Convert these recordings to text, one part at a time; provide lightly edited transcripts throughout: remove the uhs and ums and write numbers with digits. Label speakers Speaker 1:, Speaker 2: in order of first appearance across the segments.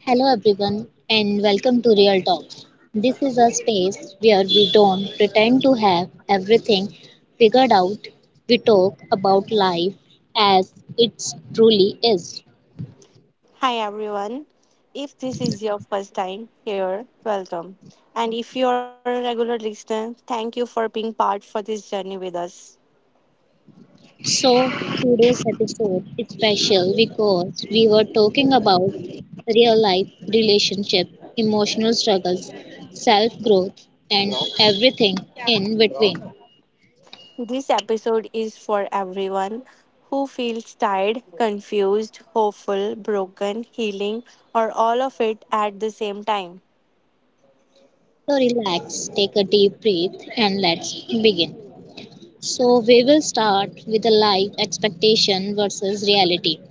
Speaker 1: Hello, everyone, and welcome to Real Talks. This is a space where we don't pretend to have everything figured out. We talk about life as it truly is.
Speaker 2: Hi everyone. If this is your first time here, welcome. And if you are a regular listener, thank you for being part for this journey with us.
Speaker 1: So, today's episode is special because we were talking about real life relationship, emotional struggles, self growth, and everything in between.
Speaker 2: This episode is for everyone who feels tired, confused, hopeful, broken, healing, or all of it at the same time.
Speaker 1: So, relax, take a deep breath, and let's begin. So, we will start with the life expectation versus reality.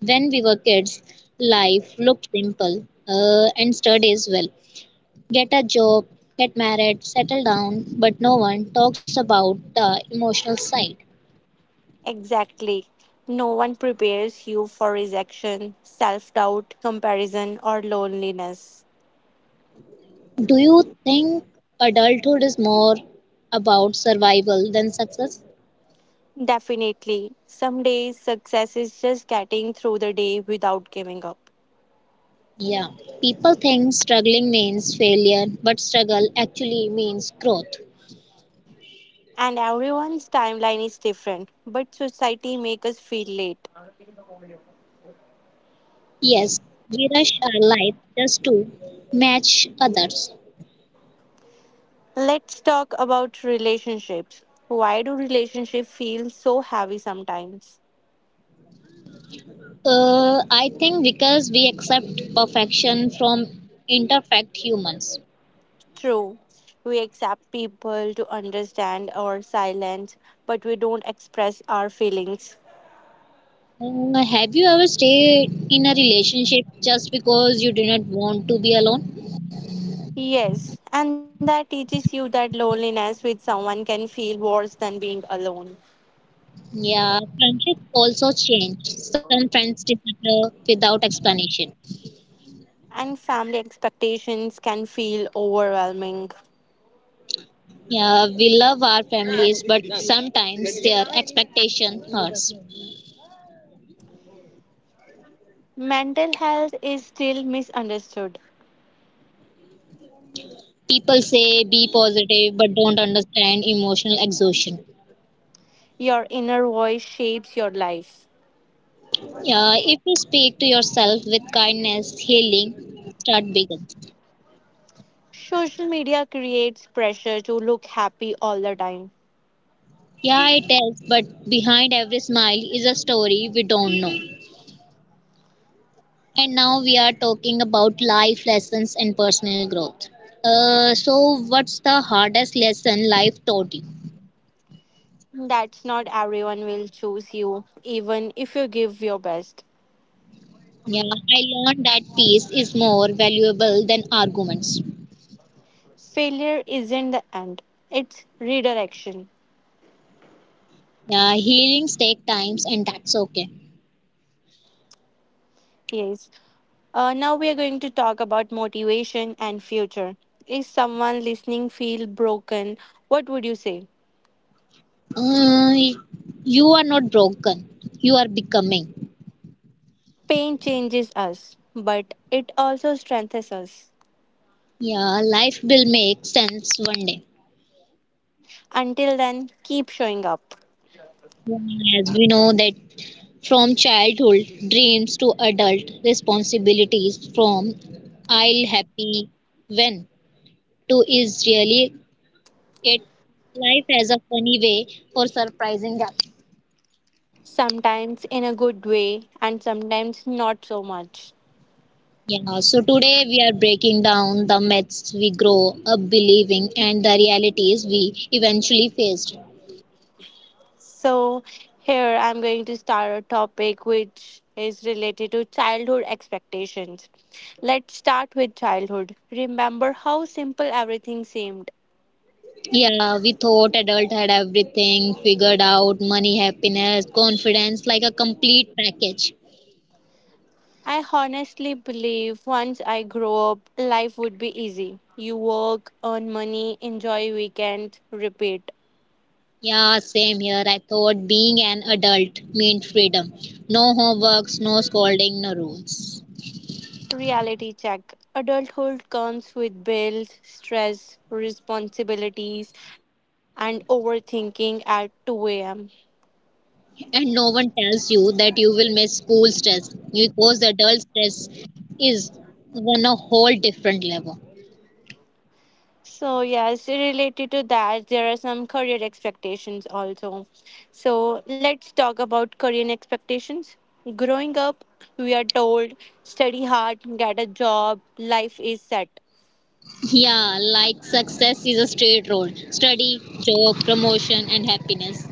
Speaker 1: When we were kids, life looked simple and sturdy as well. Get a job, get married, settle down, but no one talks about the emotional side.
Speaker 2: Exactly. No one prepares you for rejection, self doubt, comparison, or loneliness.
Speaker 1: Do you think adulthood is more about survival than success?
Speaker 2: Definitely. Some days success is just getting through the day without giving up.
Speaker 1: Yeah. People think struggling means failure, but struggle actually means growth.
Speaker 2: And everyone's timeline is different, but society makes us feel late.
Speaker 1: Yes, we rush our life just to match others.
Speaker 2: Let's talk about relationships. Why do relationships feel so heavy sometimes?
Speaker 1: I think because we accept perfection from imperfect humans.
Speaker 2: True, we accept people to understand our silence, but we don't express our feelings.
Speaker 1: Have you ever stayed in a relationship just because you did not want to be alone?
Speaker 2: Yes, and that teaches you that loneliness with someone can feel worse than being alone.
Speaker 1: Yeah, friendships also change. Some friends disappear without explanation.
Speaker 2: And family expectations can feel overwhelming.
Speaker 1: Yeah, we love our families, but sometimes their expectation hurts.
Speaker 2: Mental health is still misunderstood.
Speaker 1: People say be positive, but don't understand emotional exhaustion.
Speaker 2: Your inner voice shapes your life.
Speaker 1: Yeah, if you speak to yourself with kindness, healing start begins.
Speaker 2: Social media creates pressure to look happy all the time.
Speaker 1: Yeah, it is, but behind every smile is a story we don't know. And now we are talking about life lessons and personal growth. So, what's the hardest lesson life taught you?
Speaker 2: That's not everyone will choose you, even if you give your best.
Speaker 1: Yeah, I learned that peace is more valuable than arguments.
Speaker 2: Failure isn't the end, it's redirection.
Speaker 1: Yeah, healings take times, and that's okay.
Speaker 2: Yes. Now we are going to talk about motivation and future. If someone listening feel broken, what would you say?
Speaker 1: Uh, you are not broken. You are becoming.
Speaker 2: Pain changes us, but it also strengthens us.
Speaker 1: Yeah, life will make sense one day.
Speaker 2: Until then, keep showing up.
Speaker 1: Yeah, as we know that from childhood dreams to adult responsibilities, from I'll happy when to is really it life has a funny way for surprising us.
Speaker 2: Sometimes in a good way, and sometimes not so much.
Speaker 1: Yeah, so today we are breaking down the myths we grow up believing and the realities we eventually faced.
Speaker 2: So, here I'm going to start a topic which is related to childhood expectations. Let's start with childhood. Remember how simple everything seemed.
Speaker 1: Yeah, we thought adult had everything figured out money, happiness, confidence, like a complete package.
Speaker 2: I honestly believe once I grow up, life would be easy. You work, earn money, enjoy weekends, repeat.
Speaker 1: Yeah, same here. I thought being an adult meant freedom. No homeworks, no scolding, no rules.
Speaker 2: Reality check. Adulthood comes with bills, stress, responsibilities, and overthinking at 2 a.m.
Speaker 1: And no one tells you that you will miss school stress because adult stress is on a whole different level.
Speaker 2: So, yes, related to that, there are some career expectations also. So, let's talk about career expectations. Growing up, we are told study hard, get a job, life is set.
Speaker 1: Yeah, like success is a straight road study, job, promotion, and happiness.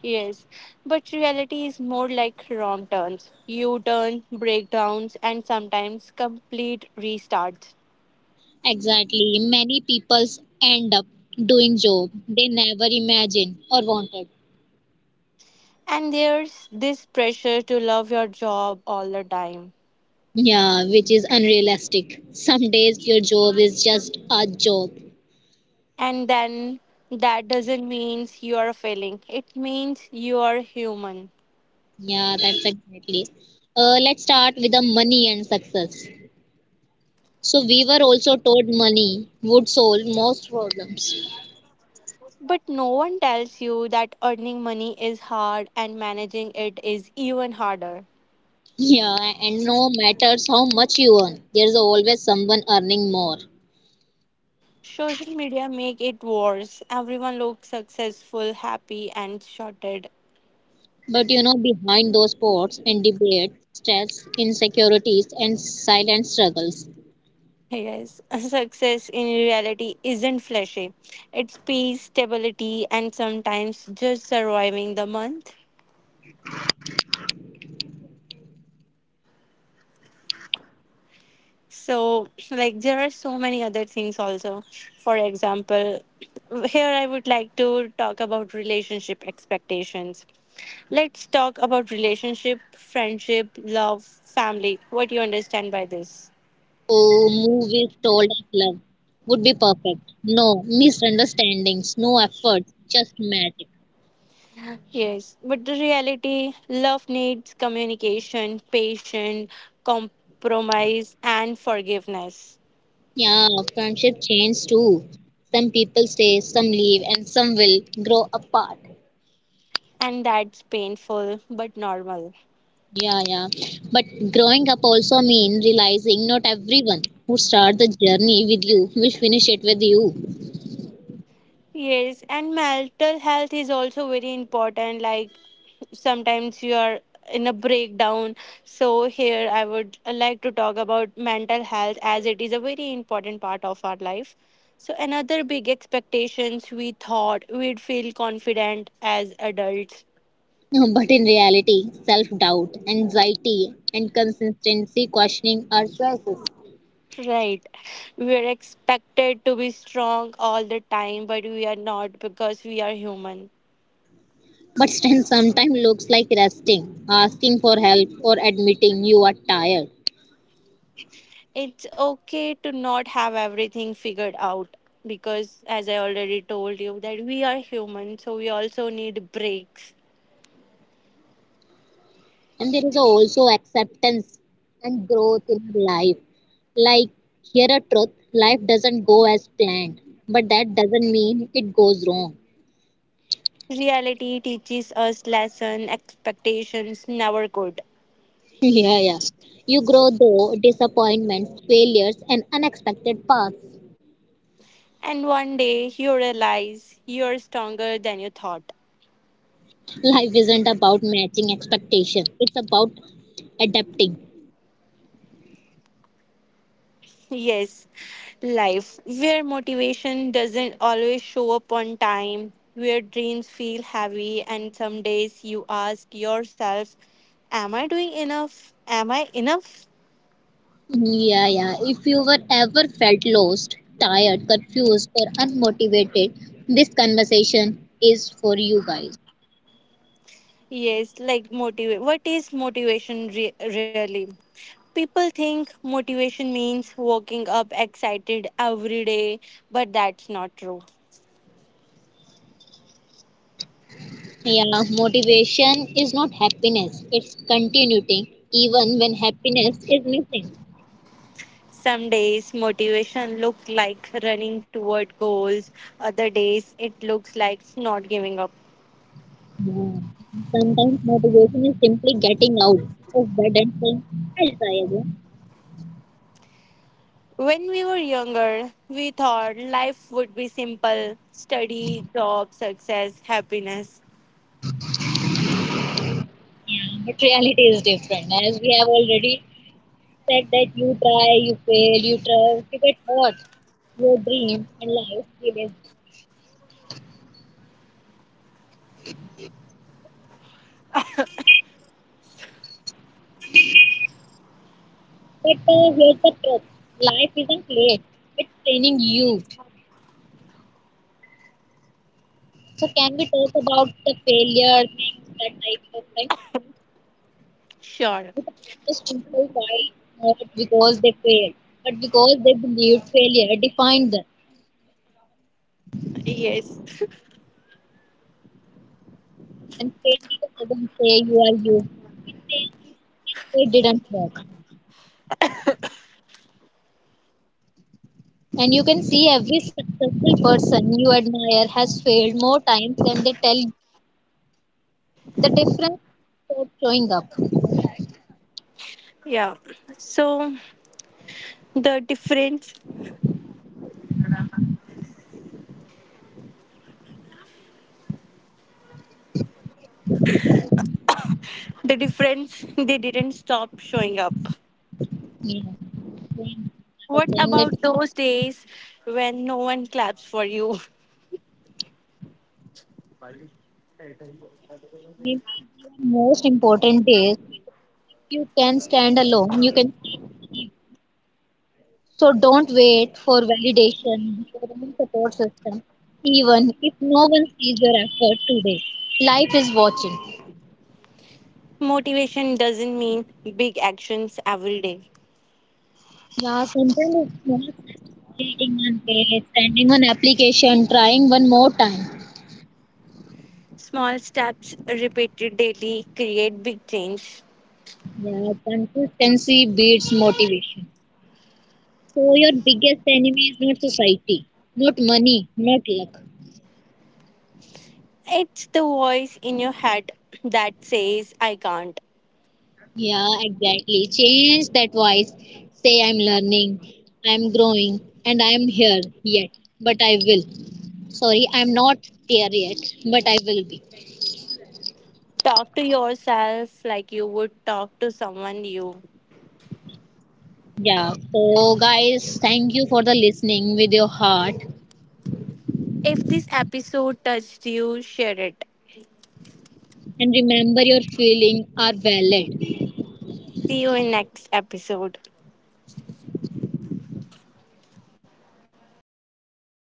Speaker 2: Yes, but reality is more like wrong turns, U turn, breakdowns, and sometimes complete restarts.
Speaker 1: Exactly. Many people end up doing job they never imagined or wanted.
Speaker 2: And there's this pressure to love your job all the time.
Speaker 1: Yeah, which is unrealistic. Some days your job is just a job.
Speaker 2: And then that doesn't mean you are failing, it means you are human.
Speaker 1: Yeah, that's exactly. Let's start with the money and success. So we were also told money would solve most problems.
Speaker 2: But no one tells you that earning money is hard and managing it is even harder.
Speaker 1: Yeah, and no matters how much you earn, there's always someone earning more.
Speaker 2: Social media make it worse. Everyone looks successful, happy and sorted.
Speaker 1: But behind those sports and debate, stress, insecurities, and silent struggles.
Speaker 2: Yes, success in reality isn't flashy. It's peace, stability and sometimes just surviving the month. So, like, there are so many other things also. For example, here I would like to talk about relationship expectations. Let's talk about relationship, friendship, love, family. What do you understand by this?
Speaker 1: Oh, movies told as love would be perfect. No misunderstandings, no efforts, just magic.
Speaker 2: Yes, but the reality, love needs communication, patience, compromise, and forgiveness.
Speaker 1: Yeah, friendship change too. Some people stay, some leave, and some will grow apart.
Speaker 2: And that's painful but normal.
Speaker 1: Yeah, yeah. But growing up also means realizing not everyone who starts the journey with you will finish it with you.
Speaker 2: Yes, and mental health is also very important. Like sometimes you are in a breakdown. So, here I would like to talk about mental health as it is a very important part of our life. So, another big expectations we thought we'd feel confident as adults.
Speaker 1: But in reality, self doubt, anxiety, and consistency questioning our choices.
Speaker 2: Right. We are expected to be strong all the time, but we are not because we are human.
Speaker 1: But strength sometimes looks like resting, asking for help, or admitting you are tired.
Speaker 2: It's okay to not have everything figured out because as I already told you that we are human, so we also need breaks.
Speaker 1: And there is also acceptance and growth in our life. Like, here a truth life doesn't go as planned, but that doesn't mean it goes wrong.
Speaker 2: Reality teaches us lesson expectations never could,
Speaker 1: Yeah, yeah. You grow though disappointments, failures, and unexpected paths.
Speaker 2: and one day you realize you're stronger than you thought.
Speaker 1: Life isn't about matching expectation. It's about adapting.
Speaker 2: Yes, life where motivation doesn't always show up on time, where dreams feel heavy, and some days you ask yourself, am I doing enough? Am I enough?
Speaker 1: Yeah, yeah. If you were ever felt lost, tired, confused, or unmotivated, this conversation is for you guys.
Speaker 2: Yes, like motivate. What is motivation really? People think motivation means waking up excited every day, but that's not true.
Speaker 1: Yeah, motivation is not happiness, it's continuity, even when happiness is missing.
Speaker 2: Some days motivation looks like running toward goals, other days it looks like not giving up.
Speaker 1: Sometimes motivation is simply getting out of bed and saying, I'll try again.
Speaker 2: When we were younger, we thought life would be simple study, job, success, happiness.
Speaker 1: Yeah, but reality is different, as we have already said that you try, you fail, you try, you get hurt, your dream and life you. But here's the truth: life isn't late; it's training you. So can we talk about the failure thing that I sometimes
Speaker 2: Sure.
Speaker 1: just people quite not because they failed, but because they believed failure defined them,
Speaker 2: Yes.
Speaker 1: and failure doesn't say you are you. It didn't work. And you can see every successful person you admire has failed more times than they tell. The difference starts showing up.
Speaker 2: Yeah. So the difference, the difference, they didn't stop showing up.
Speaker 1: Yeah. When I was
Speaker 2: What
Speaker 1: saying that
Speaker 2: about those days when no one claps for you?
Speaker 1: maybe the most important is you can stand alone, you can. So don't wait for validation, your own support system, even if no one sees your effort today. Life is watching.
Speaker 2: Motivation doesn't mean big actions every day.
Speaker 1: Yeah, sometimes it's not creating one page, sending one application, trying one more time.
Speaker 2: Small steps repeated daily create big change.
Speaker 1: Yeah, consistency beats motivation. So your biggest enemy is not society, not money, not luck.
Speaker 2: It's the voice in your head that says, I can't.
Speaker 1: Yeah, exactly. Change that voice. Say I'm learning, I'm growing, and I'm here yet, but I will. Sorry, I'm not there yet, but I will be.
Speaker 2: Talk to yourself like you would talk to someone new.
Speaker 1: Yeah. So guys, thank you for the listening with your heart
Speaker 2: If this episode touched you, share it.
Speaker 1: and remember your feelings are valid.
Speaker 2: See you in next episode.